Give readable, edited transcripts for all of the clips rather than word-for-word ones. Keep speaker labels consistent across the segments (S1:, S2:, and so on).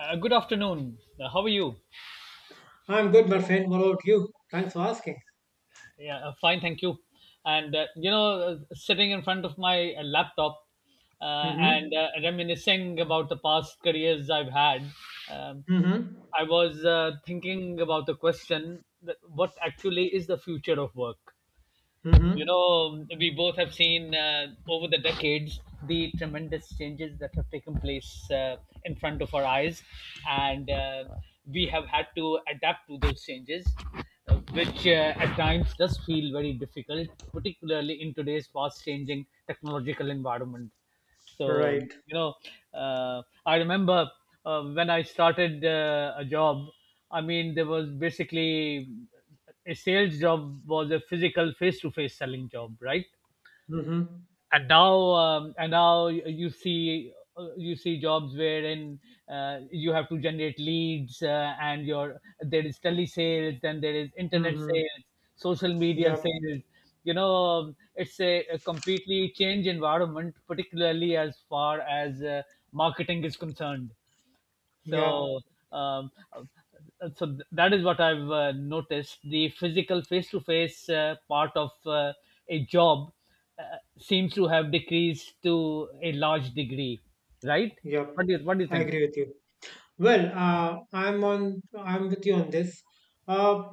S1: Good afternoon. How are you?
S2: I'm good, my friend. What about you? Thanks for asking.
S1: Yeah, Fine, thank you. Sitting in front of my laptop and
S2: Mm-hmm.
S1: reminiscing about the past careers I've had, um,
S2: Mm-hmm.
S1: I was thinking about the question that what actually is the future of work? You
S2: Mm-hmm.
S1: know, we both have seen over the decades the tremendous changes that have taken place in front of our eyes, and we have had to adapt to those changes, which at times does feel very difficult, particularly in today's fast changing technological environment. So,
S2: Right.
S1: I remember when I started a job. I mean, there was basically a sales job was a physical face-to-face selling job, right?
S2: Mm-hmm.
S1: And now and now you see you see jobs wherein you have to generate leads and your there is telesales, then there is internet
S2: Mm-hmm.
S1: sales, social media
S2: Yep.
S1: sales. It's a completely change environment, particularly as far as marketing is concerned.
S2: Yep.
S1: So, um, uh, that is what I've noticed. The physical face-to-face part of a job uh, seems to have decreased to a large degree, right?
S2: Yep.
S1: What do you
S2: I
S1: think?
S2: agree with you. Well, I'm on. I'm with you on this. Uh,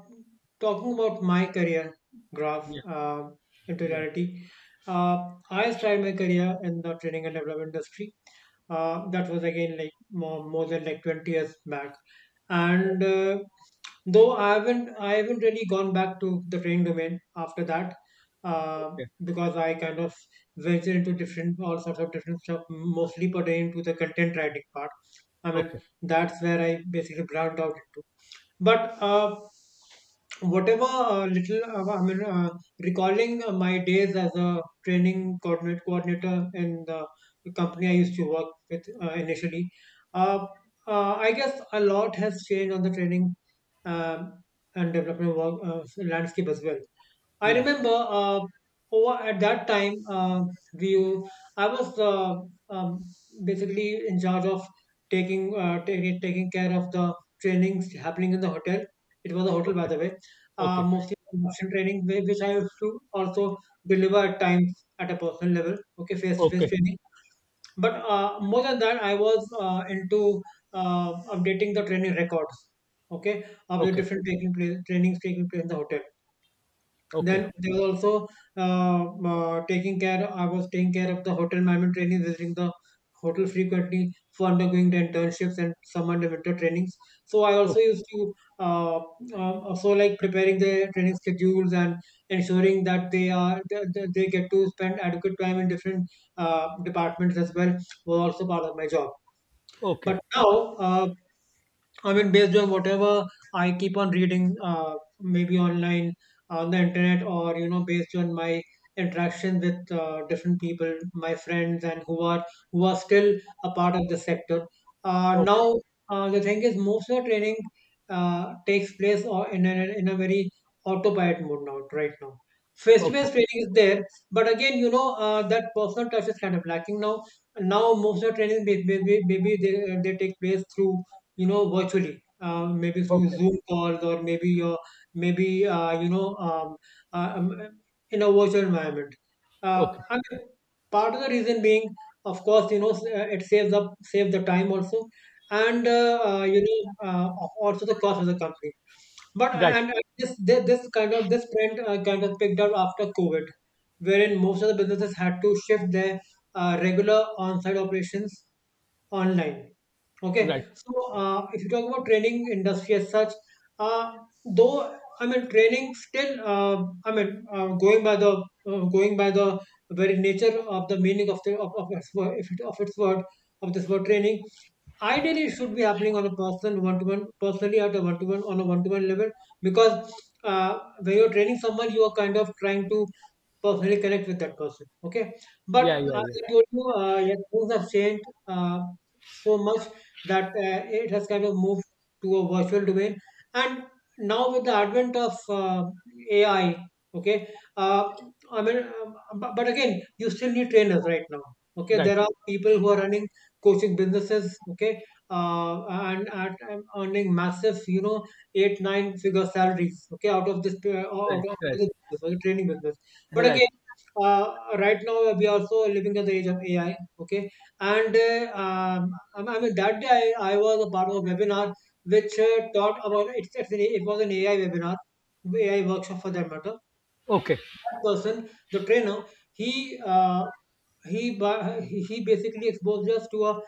S2: Talking about my career graph
S1: Yeah,
S2: into
S1: yeah.
S2: reality, uh, I started my career in the training and development industry. That was again like more than like 20 years back, and though I haven't really gone back to the training domain after that, uh,
S1: Okay,
S2: because I kind of ventured into different all sorts of different stuff, mostly pertaining to the content writing part. I mean
S1: okay.
S2: that's where I basically branched out into. But whatever little, I mean, recalling my days as a coordinator in the company I used to work with initially, uh, I guess a lot has changed on the training um, and development work landscape as well. I
S1: Yeah,
S2: remember uh, over at that time, we I was, um, basically in charge of taking taking care of the trainings happening in the hotel. It was a hotel, by
S1: okay,
S2: the way.
S1: okay,
S2: Mostly induction training, which I used to also deliver at times at a personal level. Okay, face to face
S1: okay,
S2: training. But more than that, I was into updating the training records. Okay, of the
S1: okay,
S2: different taking place trainings taking place in the hotel.
S1: okay,
S2: Then there was also taking care. I was taking care of the hotel management training, visiting the hotel frequently for undergoing the internships and summer and winter trainings. So I
S1: o-
S2: also used to uh, also like preparing the training schedules and ensuring that they get to spend adequate time in different departments as well was also part of my job. But
S1: okay,
S2: now, I mean, based on whatever I keep on reading, maybe online on the internet, or you know, based on my interaction with different people, my friends, and who are still a part of the sector.
S1: okay,
S2: Now, the thing is, most of the training takes place or in in a very autopilot mode now, right now.
S1: okay,
S2: Face-to-face training is there, but again, you know, that personal touch is kind of lacking now. Now, most of the training maybe they take place through you know virtually, maybe through
S1: okay,
S2: zoom calls or maybe your maybe you know uh, um, in a virtual environment.
S1: okay.
S2: I mean, part of the reason being of course you know it saves the time also and you know, also the cost of the company. But
S1: Right,
S2: and this kind of this trend kind of picked up after covid, wherein most of the businesses had to shift their regular on-site operations online. Okay,
S1: right.
S2: so if you talk about training industry as such, uh, though I mean training still, I mean, going by the very nature of the meaning of of its word, if it, of its word of this word training, ideally it should be happening on a personal one to one on a one to one level, because when you're training someone, you are kind of trying to personally connect with that person. Okay, but
S1: Yeah, yeah,
S2: as
S1: yeah.
S2: I told you, yeah, things have changed so much that it has kind of moved to a virtual domain, and now with the advent of AI, okay, I mean, but again, you still need trainers right now. Okay,
S1: Right,
S2: there are people who are running coaching businesses. Okay, and earning massive, you know, 8 9 figure salaries. Okay, out
S1: right,
S2: of
S1: right,
S2: this business, okay, training business. But
S1: right.
S2: again, right now we are also living at the age of AI. Okay, and I mean that day, I was a part of a webinar which taught about it was an AI webinar, AI workshop for that matter.
S1: Okay,
S2: That person, the trainer, he he basically exposed us to a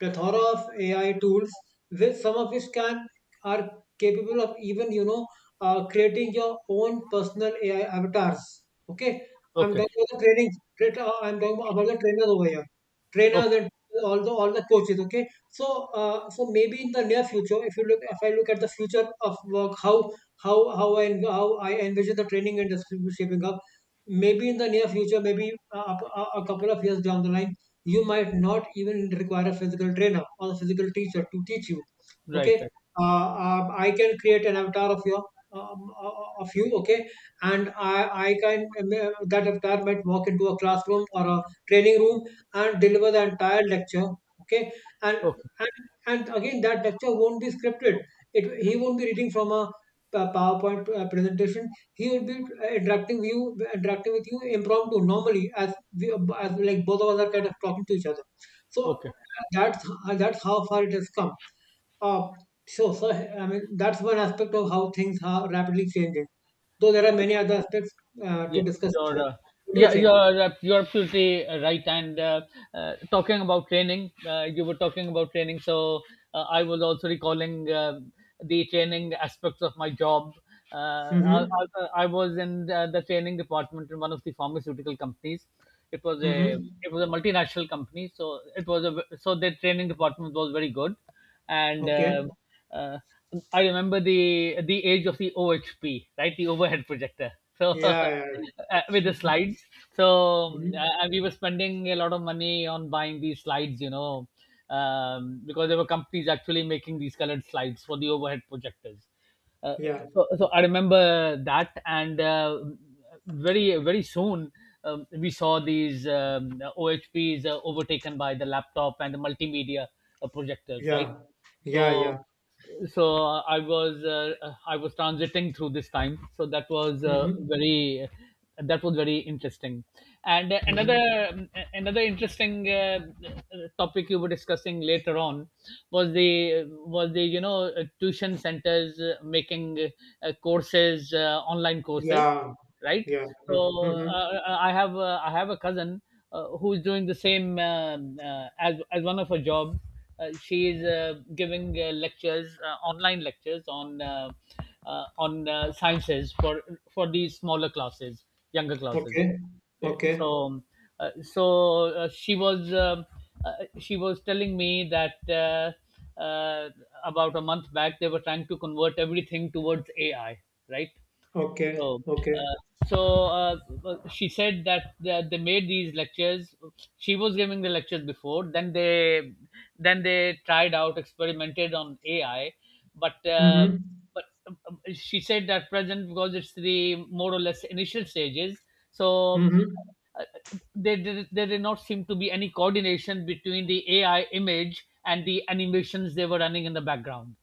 S2: plethora of AI tools, which some of which can are capable of even you know creating your own personal AI avatars. Okay, I'm
S1: okay,
S2: talking about the training. I'm talking about the trainers over here, trainers
S1: okay.
S2: and all the coaches. Okay, so so maybe in the near future, if I look at the future of work, how I how I envision the training industry shaping up. Maybe in the near future, maybe a couple of years down the line, you might not even require a physical trainer or a physical teacher to teach you. Okay,
S1: Right, right.
S2: I can create an avatar of your, of you. Okay, and I can, that avatar might walk into a classroom or a training room and deliver the entire lecture. Okay, and
S1: Okay,
S2: and, and, again that lecture won't be scripted. It He won't be reading from a powerpoint presentation. He would be interacting with you impromptu, normally as as like both of us are kind of talking to each other. So
S1: okay.
S2: that's that's how far it has come. Uh, so I mean that's one aspect of how things are rapidly changing. Though there are many other aspects to
S1: Yeah,
S2: discuss as
S1: you're
S2: well.
S1: uh,
S2: What do you
S1: yeah,
S2: think?
S1: you're absolutely right. And Talking about training, you were talking about training, so I was also recalling the training aspects of my job. Uh, I,
S2: Mm-hmm.
S1: I was in the training department in one of the pharmaceutical companies. It was a
S2: Mm-hmm.
S1: it was a multinational company, so it was a. So their training department was very good. And.
S2: Okay.
S1: Uh, I remember the age of the OHP, right? The overhead projector. So
S2: Yeah. Yeah.
S1: with the slides. So
S2: Mm-hmm.
S1: we were spending a lot of money on buying these slides, you know, because there were companies actually making these colored slides for the overhead projectors. Uh,
S2: Yeah.
S1: so, so I remember that, and very, very soon we saw these OHPs overtaken by the laptop and the multimedia projectors,
S2: Yeah.
S1: right?
S2: Yeah.
S1: So,
S2: Yeah.
S1: so I was transiting through this time, so that was
S2: Mm-hmm.
S1: very that was very interesting. And
S2: Mm-hmm.
S1: another Another interesting topic you were discussing later on was the you know, tuition centers making courses, online courses,
S2: Yeah.
S1: right?
S2: Yeah.
S1: So
S2: Mm-hmm. Mm-hmm.
S1: I have I have a cousin who's doing the same as one of her jobs. She is giving lectures, online lectures on sciences for these smaller classes, younger classes.
S2: Okay.
S1: Okay.
S2: Okay.
S1: Uh, so uh, she was um she was telling me that uh, about a month back they were trying to convert everything towards AI, right?
S2: Okay,
S1: So,
S2: okay.
S1: so uh, she said that, that they made these lectures. She was giving the lectures before. Then they tried out, experimented on AI, but uh,
S2: Mm-hmm.
S1: but she said that present because it's the more or less initial stages. So.
S2: Mm-hmm.
S1: Uh, there did not seem to be any coordination between the AI image and the animations they were running in the background.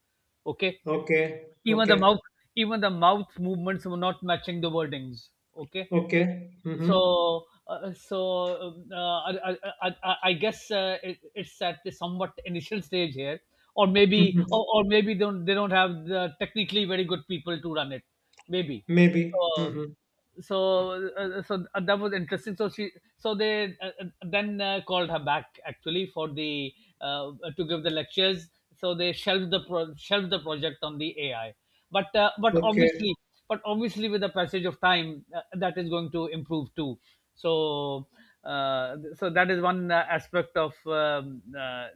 S1: Okay.
S2: Okay,
S1: even the
S2: okay,
S1: mouth Even the mouth movements were not matching the wordings. Okay.
S2: okay. Mm-hmm.
S1: so so um, uh, I, I, I guess it's at the somewhat initial stage here,
S2: Mm-hmm.
S1: or maybe don't they don't have the technically very good people to run it maybe.
S2: Maybe.
S1: so
S2: Mm-hmm.
S1: so uh, so uh, that was interesting. So they then called her back actually for the to give the lectures. So they shelved the shelved the project on the AI. But uh, but
S2: Okay.
S1: obviously but obviously with the passage of time that is going to improve too. So. So that is one aspect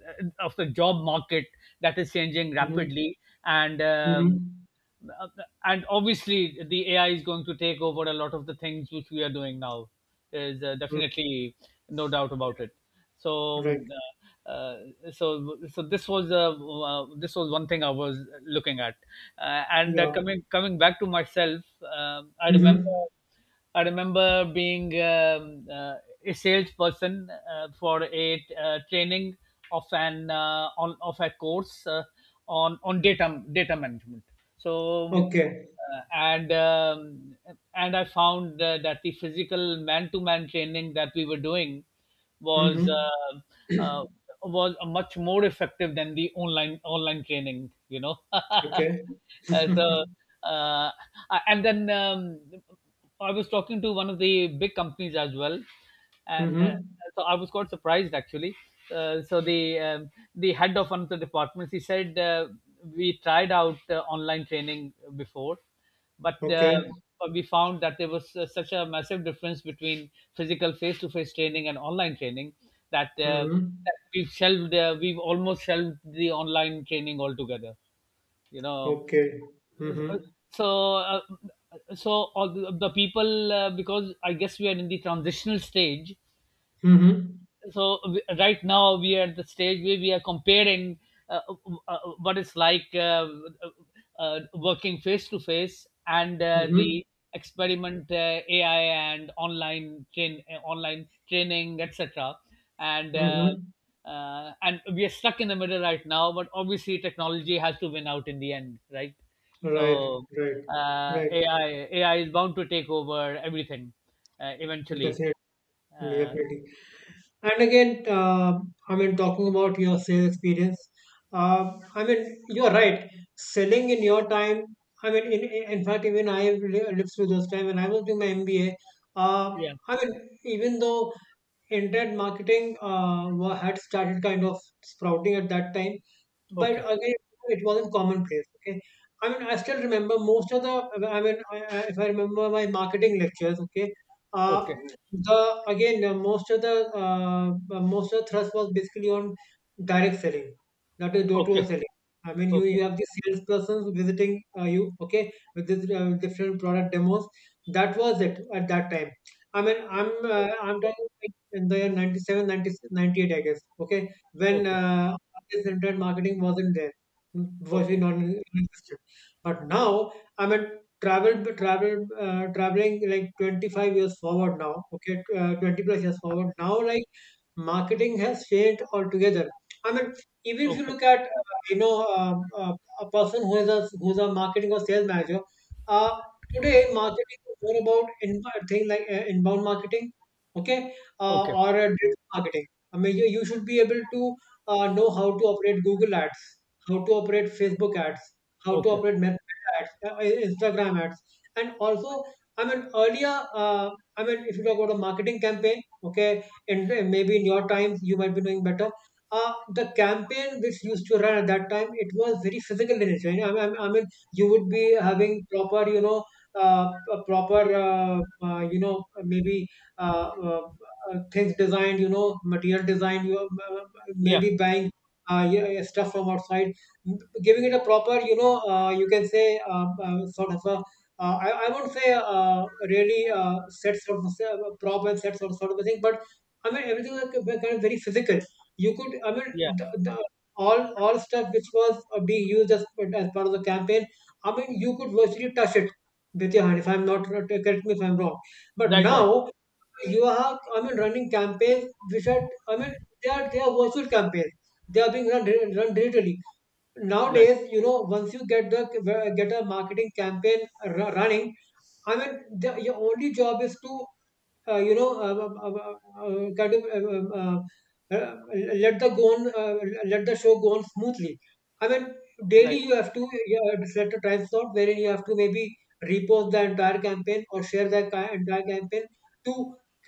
S1: of the job market that is changing
S2: Mm-hmm.
S1: rapidly,
S2: Mm-hmm.
S1: uh, and obviously the AI is going to take over a lot of the things which we are doing now. There's
S2: Mm-hmm.
S1: definitely no doubt about it. So,
S2: Right.
S1: um, uh, uh, so, so this was one thing I was looking at, and
S2: Yeah.
S1: coming back to myself. I remember
S2: Mm-hmm.
S1: being a salesperson for a training of an on of a course on data management. So
S2: Okay.
S1: uh, and um, and I found that the physical man-to-man training that we were doing was
S2: Mm-hmm.
S1: uh, uh, was much more effective than the online training. You know.
S2: Okay.
S1: So, uh, I- and then I was talking to one of the big companies as well, and
S2: Mm-hmm.
S1: so I was quite surprised actually. So the head of one of the departments he said we tried out online training before, but uh,
S2: Okay.
S1: but we found that there was such a massive difference between physical face-to-face training and online training that,
S2: Mm-hmm.
S1: that we've we've almost shelved the online training altogether. You know.
S2: Okay.
S1: uh,
S2: Mm-hmm.
S1: so uh, so all the people because I guess we are in the transitional stage.
S2: Mm-hmm.
S1: Right now we are at the stage where we are comparing what it's like working face to face and
S2: Mm-hmm.
S1: the experiment AI and online train online training etc. And uh,
S2: Mm-hmm.
S1: uh, and we are stuck in the middle right now, but obviously technology has to win out in the end, right?
S2: Right. Right.
S1: So
S2: Right.
S1: uh, AI AI is bound to take over everything eventually.
S2: Definitely.
S1: Uh,
S2: Definitely. And again, I mean, talking about your sales experience, I mean, you're right. Selling in your time, I mean, in fact, even I lived through those time when I was doing my MBA. Uh,
S1: yeah.
S2: I mean, even though internet marketing had started kind of sprouting at that time, but
S1: Okay.
S2: again, it wasn't commonplace. Okay, I mean, I still remember most of the. I mean, if I remember my marketing lectures, okay, uh,
S1: Okay.
S2: the again, most of the thrust was basically on direct selling, that is door-to-door
S1: Okay,
S2: selling. I mean,
S1: okay,
S2: you have the salespersons visiting you, okay, with this different product demos. That was it at that time. i mean i'm
S1: okay,
S2: I'm talking like in the year 97 90, 98, I guess, okay, when
S1: okay,
S2: this internet marketing wasn't there, mm, virtually
S1: okay,
S2: non-existent. But now I mean traveling like 25 years forward now, okay, 20 plus years forward now, like marketing has failed altogether. I mean, even if you
S1: okay,
S2: look at you know um, uh, a person who is a who's a marketing or sales manager, uh, today marketing is more about inbound thing, like inbound marketing, okay,
S1: okay,
S2: or digital marketing. I mean, you should be able to know how to operate Google ads, how to operate Facebook ads, how to
S1: okay.
S2: operate Meta ads, Instagram ads, and also I mean earlier, I mean if you talk about a marketing campaign, okay, and maybe in your time you might be knowing better. The campaign which used to run at that time, it was very physical in nature. I mean, you would be having proper, you know, a proper, you know, maybe uh, uh, things designed, you know, material design. You
S1: Yeah,
S2: Maybe buying yeah, stuff from outside, m- giving it a proper, you know, you can say sort of a, I won't say really set sort of a, proper set sort of a thing, but I mean, everything was kind of very physical. I mean,
S1: yeah.
S2: the all stuff which was being used as part of the campaign. I mean, you could virtually touch it with your hand. If I'm not, correct me if I'm wrong, but
S1: Right, right,
S2: now you are, I mean, running campaigns which are, I mean, they are virtual campaigns. They are being run, digitally
S1: right,
S2: nowadays. Once you get a marketing campaign running. I mean your only job is to you know kind of uh, uh, let the go on, uh, let the show go on smoothly. I mean, daily
S1: right,
S2: you have to select a time slot wherein you have to maybe repost the entire campaign or share the entire campaign to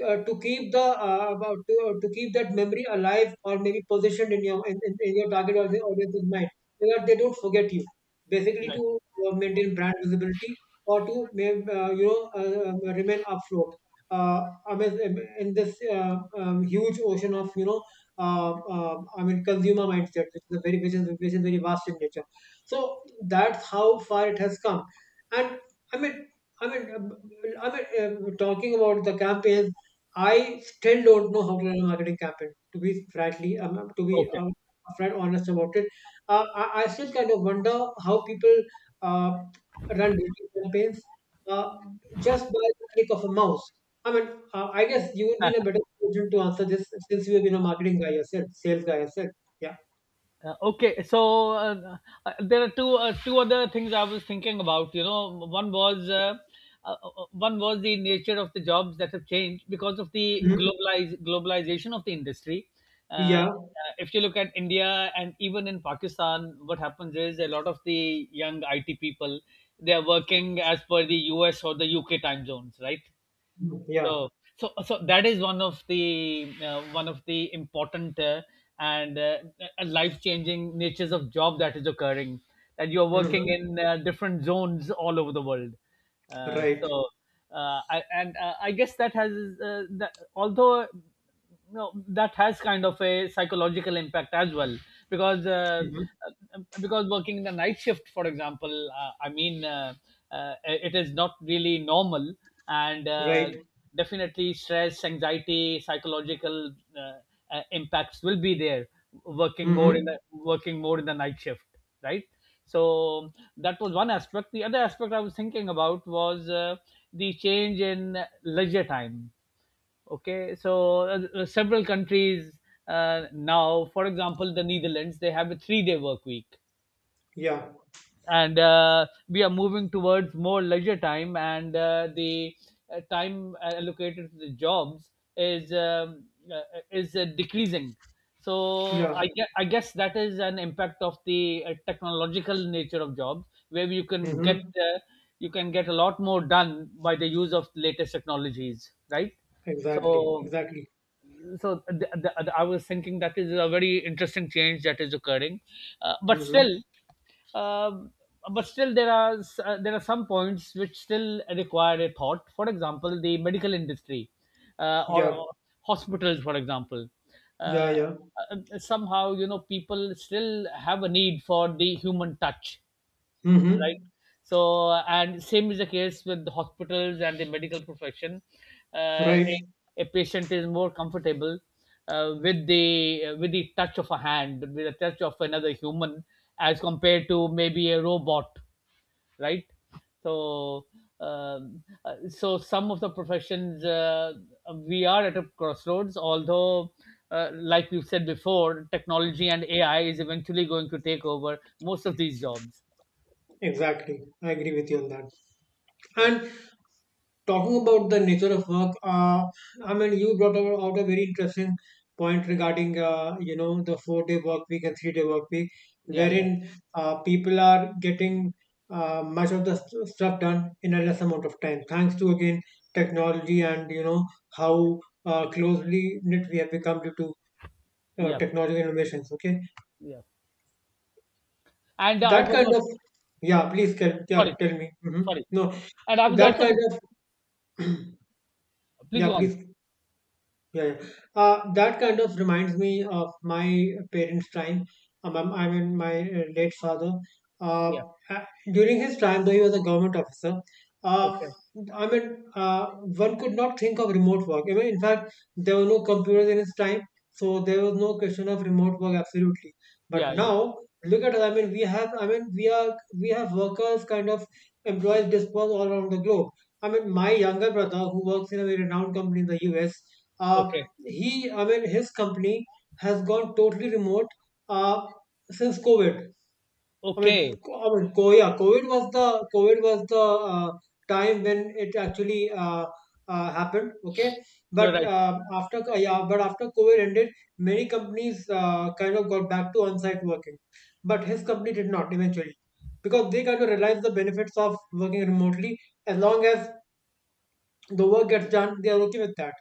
S2: to keep the uh, about- to, to keep that memory alive or maybe positioned in your in your target audience's mind, so that they don't forget you. Basically,
S1: right.
S2: to maintain brand visibility, or to remain afloat. Uh, I mean, in this huge ocean of, uh, I mean, consumer mindset, which is a very which is very vast in nature. So that's how far it has come, and I mean, talking about the campaigns, I still don't know how to run a marketing campaign. To be frankly, um, to be
S1: Okay.
S2: um, upfront honest about it. I still kind of wonder how people uh, run digital campaigns uh, just by the click of a mouse. I mean, I guess you would be
S1: Uh,
S2: in a better position to answer this, since you have been a marketing guy yourself, sales guy yourself. Yeah.
S1: Okay, so there are two other things I was thinking about. You know, one was the nature of the jobs that have changed because of the
S2: Hmm.
S1: globalize globalization of the industry. Uh,
S2: Yeah.
S1: uh, if you look at India and even in Pakistan, what happens is a lot of the young IT people they are working as per the US or the UK time zones, right?
S2: Mm, yeah.
S1: So, so so that is one of the important and life changing natures of job that is occurring, that you're working
S2: Hmm.
S1: in different zones all over the world. uh,
S2: Right.
S1: so I guess that has that, although no that has kind of a psychological impact as well, because uh,
S2: Hmm.
S1: because working in the night shift, for example, it is not really normal, and
S2: Right.
S1: definitely stress, anxiety, psychological impacts will be there, working more in the
S2: Hmm.
S1: night shift, right? So that was one aspect. The other aspect I was thinking about was the change in leisure time. Okay. Several countries now, for example the Netherlands, they have a 3 day work week,
S2: Yeah.
S1: and we are moving towards more leisure time, and the time allocated to the jobs uh, is decreasing.
S2: Yeah.
S1: I guess that is an impact of the technological nature of jobs, where
S2: Hmm.
S1: you can get a lot more done by the use of latest technologies, right?
S2: Exactly.
S1: so
S2: Exactly.
S1: so th- th- I was thinking that is a very interesting change that is occurring, uh, but still,
S2: Hmm.
S1: um but still there are there are some points which still require a thought. For example, the medical industry, uh, or
S2: Yeah.
S1: uh, hospitals, for example. uh,
S2: Yeah. Yeah.
S1: Somehow, you know, people still have a need for the human touch,
S2: Hmm.
S1: right? So, and same is the case with the hospitals and the medical profession. uh, a,
S2: Right.
S1: a patient is more comfortable with the touch of a hand, with the touch of another human, as compared to maybe a robot, right? So so some of the professions, we are at a crossroads, although like we've said before, technology and AI is eventually going to take over most of these jobs.
S2: Exactly. I agree with you on that.
S1: Yeah,
S2: And talking about the nature of work, you brought out a very interesting point regarding the 4-day work week and 3-day work week,
S1: yeah, yeah.
S2: wherein people are getting much of the stuff done in a less amount of time, thanks to, again, technology, and how closely knit we have become due to
S1: Yeah,
S2: technology innovations. Okay.
S1: yeah. And I
S2: That
S1: was
S2: kind of...
S1: also
S2: Yeah, please tell. Yeah,
S1: sorry,
S2: tell me. Hmm.
S1: sorry.
S2: No.
S1: And I was
S2: That
S1: also
S2: kind of
S1: please
S2: yeah,
S1: go on.
S2: please. Yeah, yeah. That kind of reminds me of my parents' time. I mean, my late father. Uh,
S1: Yeah.
S2: uh, During his time, though he was a government officer, uh,
S1: Okay.
S2: I mean, one could not think of remote work. I mean, in fact, there were no computers in his time, so there was no question of remote work absolutely. But
S1: Yeah, yeah.
S2: now, look at us. I mean, we have. I mean, we are. We have workers, kind of employees dispersed all around the globe. I mean, my younger brother, who works in a very renowned company in the U.S. Uh,
S1: Okay.
S2: he, I mean, his company has gone totally remote uh, since COVID.
S1: Okay.
S2: COVID was the time when it actually happened. Okay,
S1: You're
S2: but
S1: right.
S2: but after COVID ended, many companies kind of got back to on-site working, but his company did not, eventually, because they kind of realized the benefits of working remotely. As long as the work gets done, they are okay with that.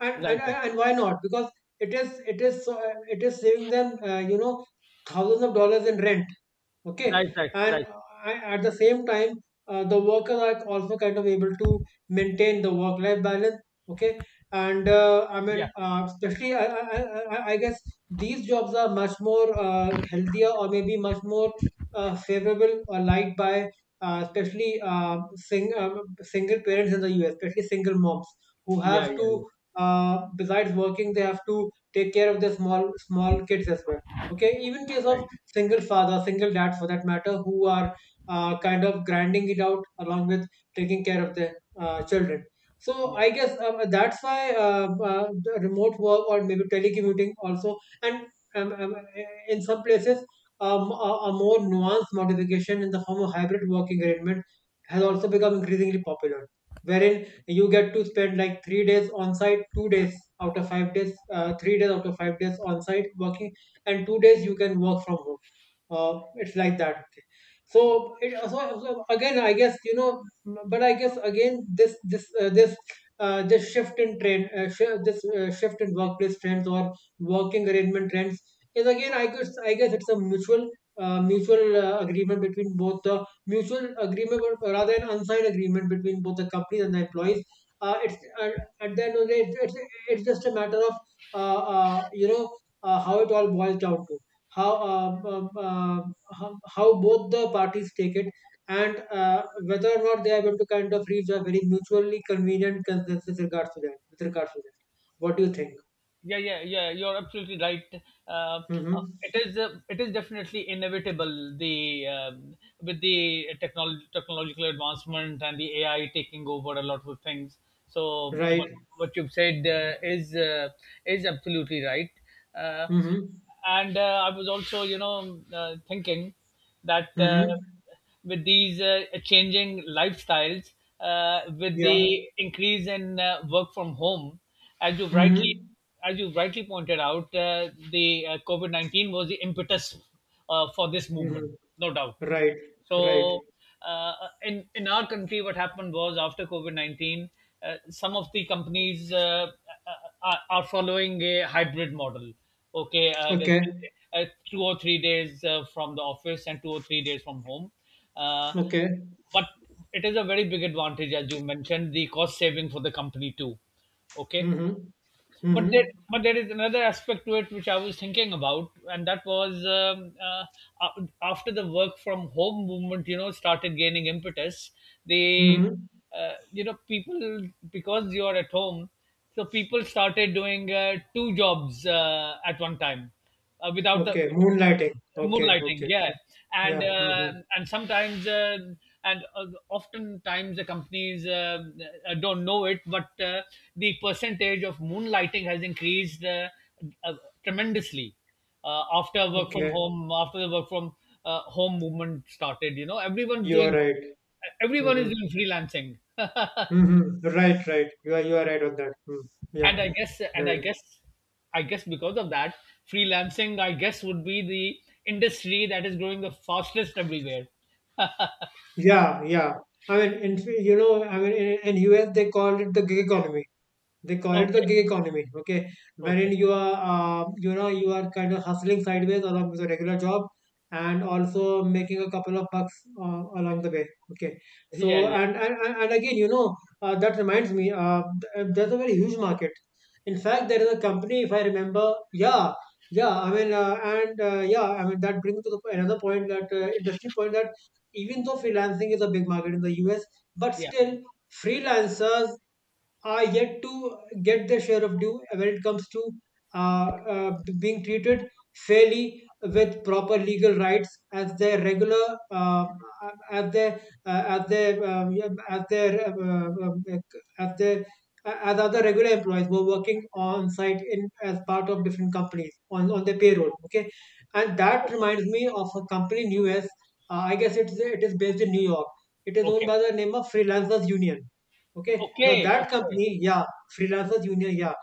S2: and and,
S1: Right.
S2: and
S1: Right.
S2: and why not? Because it is, it is saving them, thousands of dollars in rent. Okay.
S1: Right. Right.
S2: and
S1: Right.
S2: At the same time, the workers are also kind of able to maintain the work life balance. Okay. and I mean
S1: Yeah.
S2: Especially, I guess these jobs are much more healthier, or maybe much more favorable, or liked by uh, especially uh, sing, um, single parents in the US, especially single moms, who
S1: Yeah.
S2: have
S1: Yeah. Yeah.
S2: to, besides working, they have to take care of their small small kids as well. Okay. Even case of
S1: Right.
S2: single father, single dad for that matter, who are kind of grinding it out along with taking care of their children. So
S1: Yeah.
S2: I guess, that's why, the remote work, or maybe telecommuting also, and um, um, uh, in some places, a, more nuanced modification in the form of hybrid working arrangement has also become increasingly popular, wherein you get to spend like 3 days on site, 2 days out of 5 days, 3 days out of 5 days on site working, and 2 days you can work from home. It's like that. Okay. So again, I guess, but I guess, again, this this shift in trend, this shift in workplace trends, or working arrangement trends, is, again, I guess, I guess it's a mutual mutual agreement between both the mutual agreement or rather an unsigned agreement between both the companies and the employees. It's At the end of the day, it's just a matter of uh, uh, you know how it all boils down to how, how both the parties take it, and whether or not they are able to kind of reach a very mutually convenient consensus with regards to that, what do you think?
S1: Yeah, you're absolutely right. uh,
S2: Mm-hmm.
S1: it is it is definitely inevitable. The With the technological advancement and the AI taking over a lot of things, so what,
S2: Right.
S1: what you've said is absolutely right. uh,
S2: Mm-hmm.
S1: and I was also thinking that
S2: Mm-hmm.
S1: with these changing lifestyles, with
S2: Yeah.
S1: the increase in work from home, as you rightly
S2: Mm-hmm.
S1: as you rightly pointed out, the COVID 19 was the impetus for this movement,
S2: Mm-hmm.
S1: no doubt.
S2: Right. Right.
S1: So. In our country, what happened was after COVID 19, uh, some of the companies are following a hybrid model. Okay,
S2: Okay.
S1: uh, two or three days from the office and two or three days from home. Uh,
S2: Okay.
S1: but it is a very big advantage, as you mentioned, the cost saving for the company too. Okay,
S2: Mm-hmm.
S1: but
S2: Mm-hmm.
S1: but there is another aspect to it which I was thinking about, and that was after the work from home movement, you know, started gaining impetus. They,
S2: Mm-hmm.
S1: you know, people, because you are at home, so people started doing two jobs at one time, without the
S2: Okay, moonlighting. Okay.
S1: moonlighting.
S2: Okay.
S1: Yeah. And
S2: Yeah. Mm-hmm.
S1: and sometimes and oftentimes the companies don't know it, but the percentage of moonlighting has increased uh, tremendously uh, after work from
S2: Okay,
S1: home after the work from home movement started. You know, everyone's
S2: you are
S1: doing
S2: right.
S1: everyone is
S2: Mm-hmm.
S1: doing freelancing
S2: Mhm. Right, right. You are right on that. Mm. Yeah,
S1: and i guess and i
S2: right.
S1: guess I guess, because of that, freelancing, I guess, would be the industry that is growing the fastest everywhere.
S2: Yeah, yeah. I mean, in, you know, I mean, in US they called it the gig economy. They call it the
S1: Okay,
S2: gig economy. Okay. Wherein
S1: okay.
S2: you are, you are kind of hustling sideways along with a regular job, and also making a couple of bucks along the way. Okay. So
S1: Yeah, yeah,
S2: and again, that reminds me. There's a very huge market. In fact, there is a company, if I remember. Yeah. yeah I mean and Yeah, I mean, that brings to the, another point, that interesting point, that even though freelancing is a big market in the US, but
S1: yeah.
S2: still freelancers are yet to get their share of due, when it comes to uh, being treated fairly with proper legal rights, as their regular, as their yeah, as their as their as other regular employees, who are working on site in, as part of different companies on, their payroll. Okay. And that
S1: Okay,
S2: reminds me of a company in US. I guess it is based in New York. It is owned
S1: okay,
S2: by the name of Freelancers Union. Okay. Now
S1: okay,
S2: that
S1: okay.
S2: company, yeah, Freelancers Union, yeah,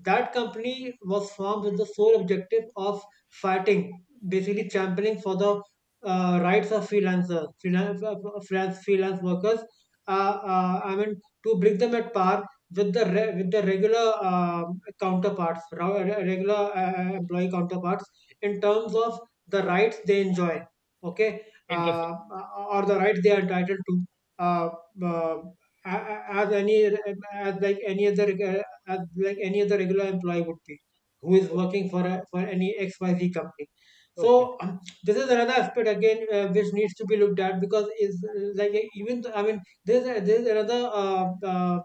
S2: that company was formed with the sole objective of fighting, basically championing for the rights of freelancers, freelance workers. Uh, I mean, to bring them at par with the with the regular counterparts, regular employee counterparts, in terms of the rights they enjoy. Okay.
S1: Interesting.
S2: Or the rights they are entitled to. Uh, uh, as like any other as like any other regular employee would be, who is
S1: Okay,
S2: working for for any XYZ company.
S1: okay,
S2: So this is another aspect again, which needs to be looked at, because is, I mean, there's there's another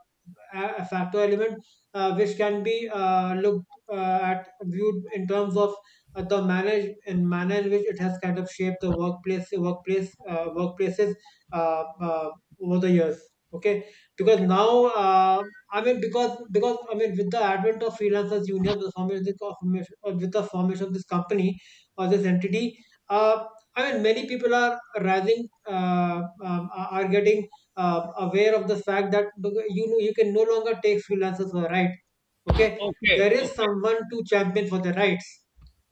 S2: a factor element, which can be looked at, viewed in terms of the manner, and manner in which it has kind of shaped the workplaces uh, uh, over the years. Okay. Because
S1: okay,
S2: now, uh, because I mean, with the advent of Freelancers Union, the formation of this company, or this entity, uh, I mean, many people are rising, are getting aware of the fact that, you can no longer take freelancers for a ride. Okay.
S1: okay,
S2: There is
S1: okay,
S2: someone to champion for the rights.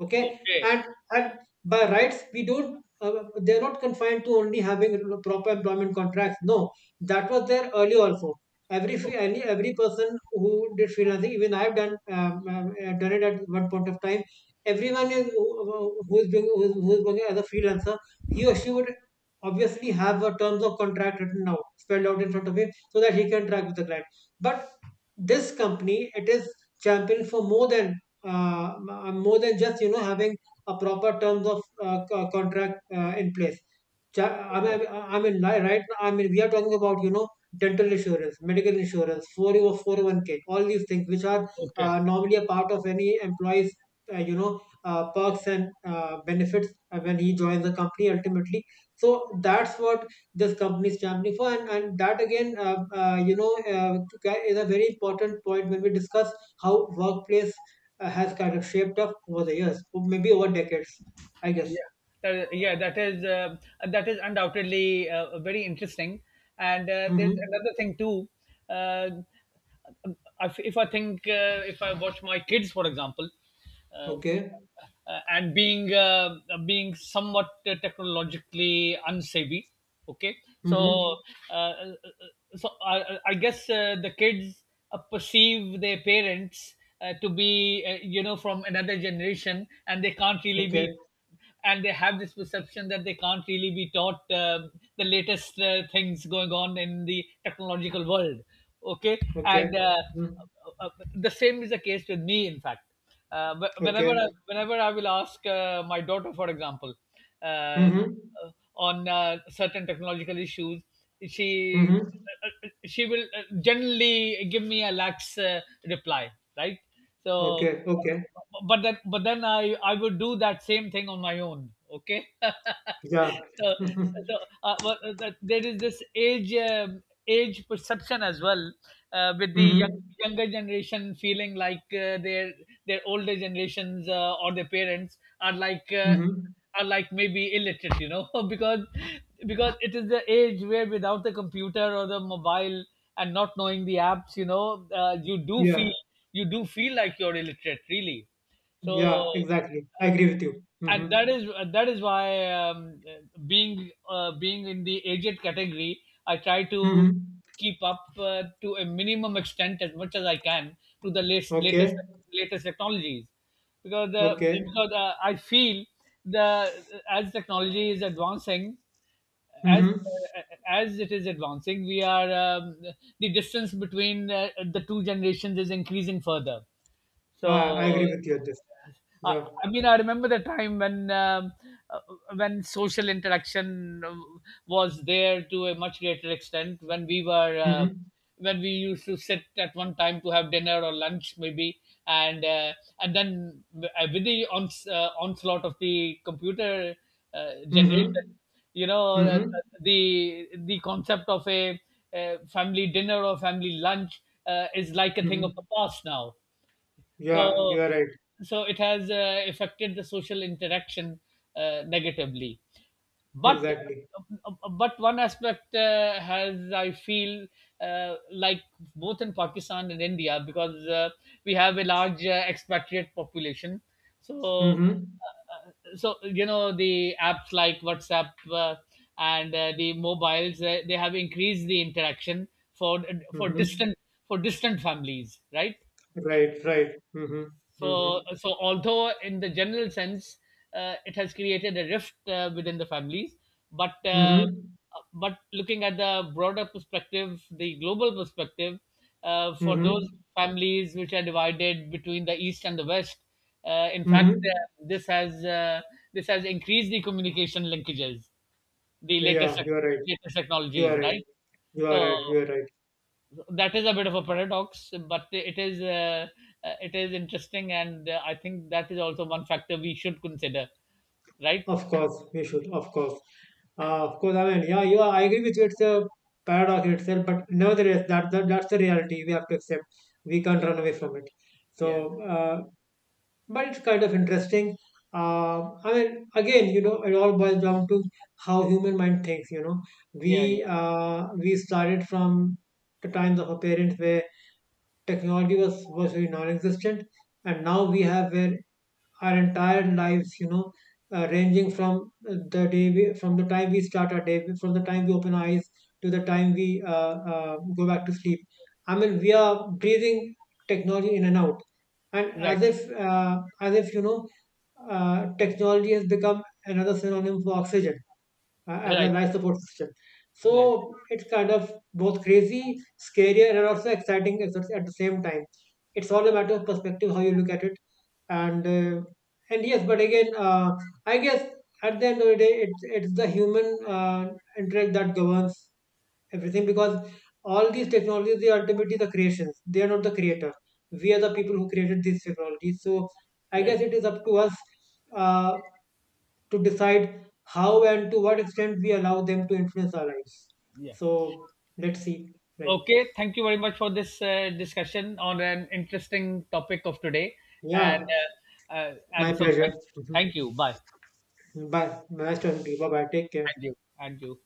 S2: Okay.
S1: okay,
S2: And by rights, we don't, they're not confined to only having proper employment contracts, no. That was there earlier also. Every any every person who did freelancing — even I've done, done it at one point of time — everyone is who is being, who is working as a freelancer, he or she would obviously have a terms of contract written out, spelled out in front of him, so that he can track with the client. But this company, it is champion for uh, more than just, having a proper terms of contract in place. Ja. I
S1: okay,
S2: mean,
S1: okay,
S2: I mean, right now, I mean, we are talking about, dental insurance, medical insurance, 401k, all these things which are
S1: okay,
S2: normally a part of any employee's perks and benefits, when he joins the company, ultimately. So that's what this company is stand for. And that, again, is a very important point when we discuss how workplace has kind of shaped up over the years, or maybe over decades, I guess.
S1: yeah, yeah, that is undoubtedly very interesting. And there's
S2: Mm-hmm.
S1: another thing too. uh, if I watch my kids, for example, um,
S2: Okay.
S1: and being being somewhat technologically unsavvy, okay, so
S2: Mm-hmm.
S1: uh, uh, I guess the kids perceive their parents to be, you know, from another generation and they can't really be,
S2: Okay.
S1: and they have this perception that they can't really be taught, the latest things going on in the technological world. Okay.
S2: Okay.
S1: And
S2: Mm.
S1: uh, uh, the same is the case with me, in fact.
S2: Okay.
S1: Whenever I will ask my daughter, for example, uh,
S2: Mm-hmm.
S1: uh, on certain technological issues, she
S2: Mm-hmm.
S1: uh, she will generally give me a lax reply, right? So,
S2: Okay.
S1: uh,
S2: Okay.
S1: but then but then I I would do that same thing on my own. Okay. So,
S2: Yeah. Mm-hmm.
S1: so but, there is this age perception as well, with the
S2: Mm-hmm.
S1: younger generation feeling like their older generations or their parents are
S2: Mm-hmm.
S1: are like maybe illiterate, you know, because it is the age where, without the computer or the mobile and not knowing the apps, you know, uh, you do
S2: Yeah,
S1: feel you do feel like you're illiterate, really. So,
S2: yeah, exactly, I agree with you. Mm-hmm.
S1: and that is why, being being in the aged category, I try to
S2: Mm-hmm.
S1: keep up to a minimum extent as much as I can to the latest,
S2: Okay.
S1: latest technologies, because
S2: Okay.
S1: I feel, the as technology is advancing, as
S2: Mm-hmm.
S1: as it is advancing, we are, the distance between the two generations is increasing further.
S2: Ah,
S1: So,
S2: I agree with you on this.
S1: I
S2: Yeah.
S1: I mean, I remember the time when, uh, when social interaction was there to a much greater extent, when we were
S2: Mm-hmm.
S1: when we used to sit at one time to have dinner or lunch, maybe, and uh, and then, onslaught of the computer generation,
S2: Mm-hmm.
S1: you know,
S2: Mm-hmm.
S1: the concept of a, family dinner or family lunch is like a thing
S2: Mm-hmm.
S1: of the past now.
S2: Yeah,
S1: So,
S2: you are right.
S1: so it has affected the social interaction negatively. but
S2: Exactly.
S1: but one aspect has, I feel, like, both in Pakistan and India, because we have a large expatriate population, so
S2: Mm-hmm.
S1: so you know the apps like WhatsApp and the mobiles, they have increased the interaction for for
S2: Mm-hmm.
S1: distant for distant families, right?
S2: Right, right. Mm-hmm. Mm-hmm.
S1: So, so although in the general sense, it has created a rift within the families, but uh,
S2: Mm-hmm.
S1: but looking at the broader perspective, the global perspective, for those
S2: Mm-hmm.
S1: families which are divided between the east and the west, in fact,
S2: Mm-hmm.
S1: this has increased the communication linkages, the
S2: Yeah, you are right.
S1: latest
S2: You
S1: technologies,
S2: are right.
S1: right?
S2: You are
S1: So
S2: right. You are right.
S1: that is a bit of a paradox, but it is interesting, and I think that is also one factor we should consider, right?
S2: Of course, we should. Of course. Of course, I mean, yeah, you are, I agree with you. It's a paradox in itself, but nevertheless, that's the reality we have to accept. We can't
S1: Yeah,
S2: run away from it.
S1: yeah,
S2: So, but it's kind of interesting. I mean, again, it all boils down to how human mind thinks. You know,
S1: yeah, yeah.
S2: we started from the times of our parents, where technology was very non-existent, and now we have, where our entire lives, ranging from, from the time we start our day, from the time we open our eyes to the time we go back to sleep. I mean, we are breathing technology in and out, and
S1: Right,
S2: as if, as if, technology has become another synonym for oxygen, as a
S1: right,
S2: nice support system.
S1: right,
S2: So it's kind of both crazy, scarier, and also exciting at the same time. It's all a matter of perspective how you look at it, and uh, and yes, but again, I guess at the end of the day, it's the human intellect that governs everything, because all these technologies, they are ultimately the creations. They are not the creator. We are the people who created these technologies. So I
S1: right.
S2: guess it is up to us. Uh, to decide how and to what extent we allow them to influence our lives.
S1: Yeah.
S2: So let's see. Right.
S1: Okay, thank you very much for this discussion on an interesting topic of today. And
S2: Yeah. My pleasure. Mhm.
S1: thank you, bye.
S2: Bye. Nice talking to you. Bye bye. Take care.
S1: And you, and you.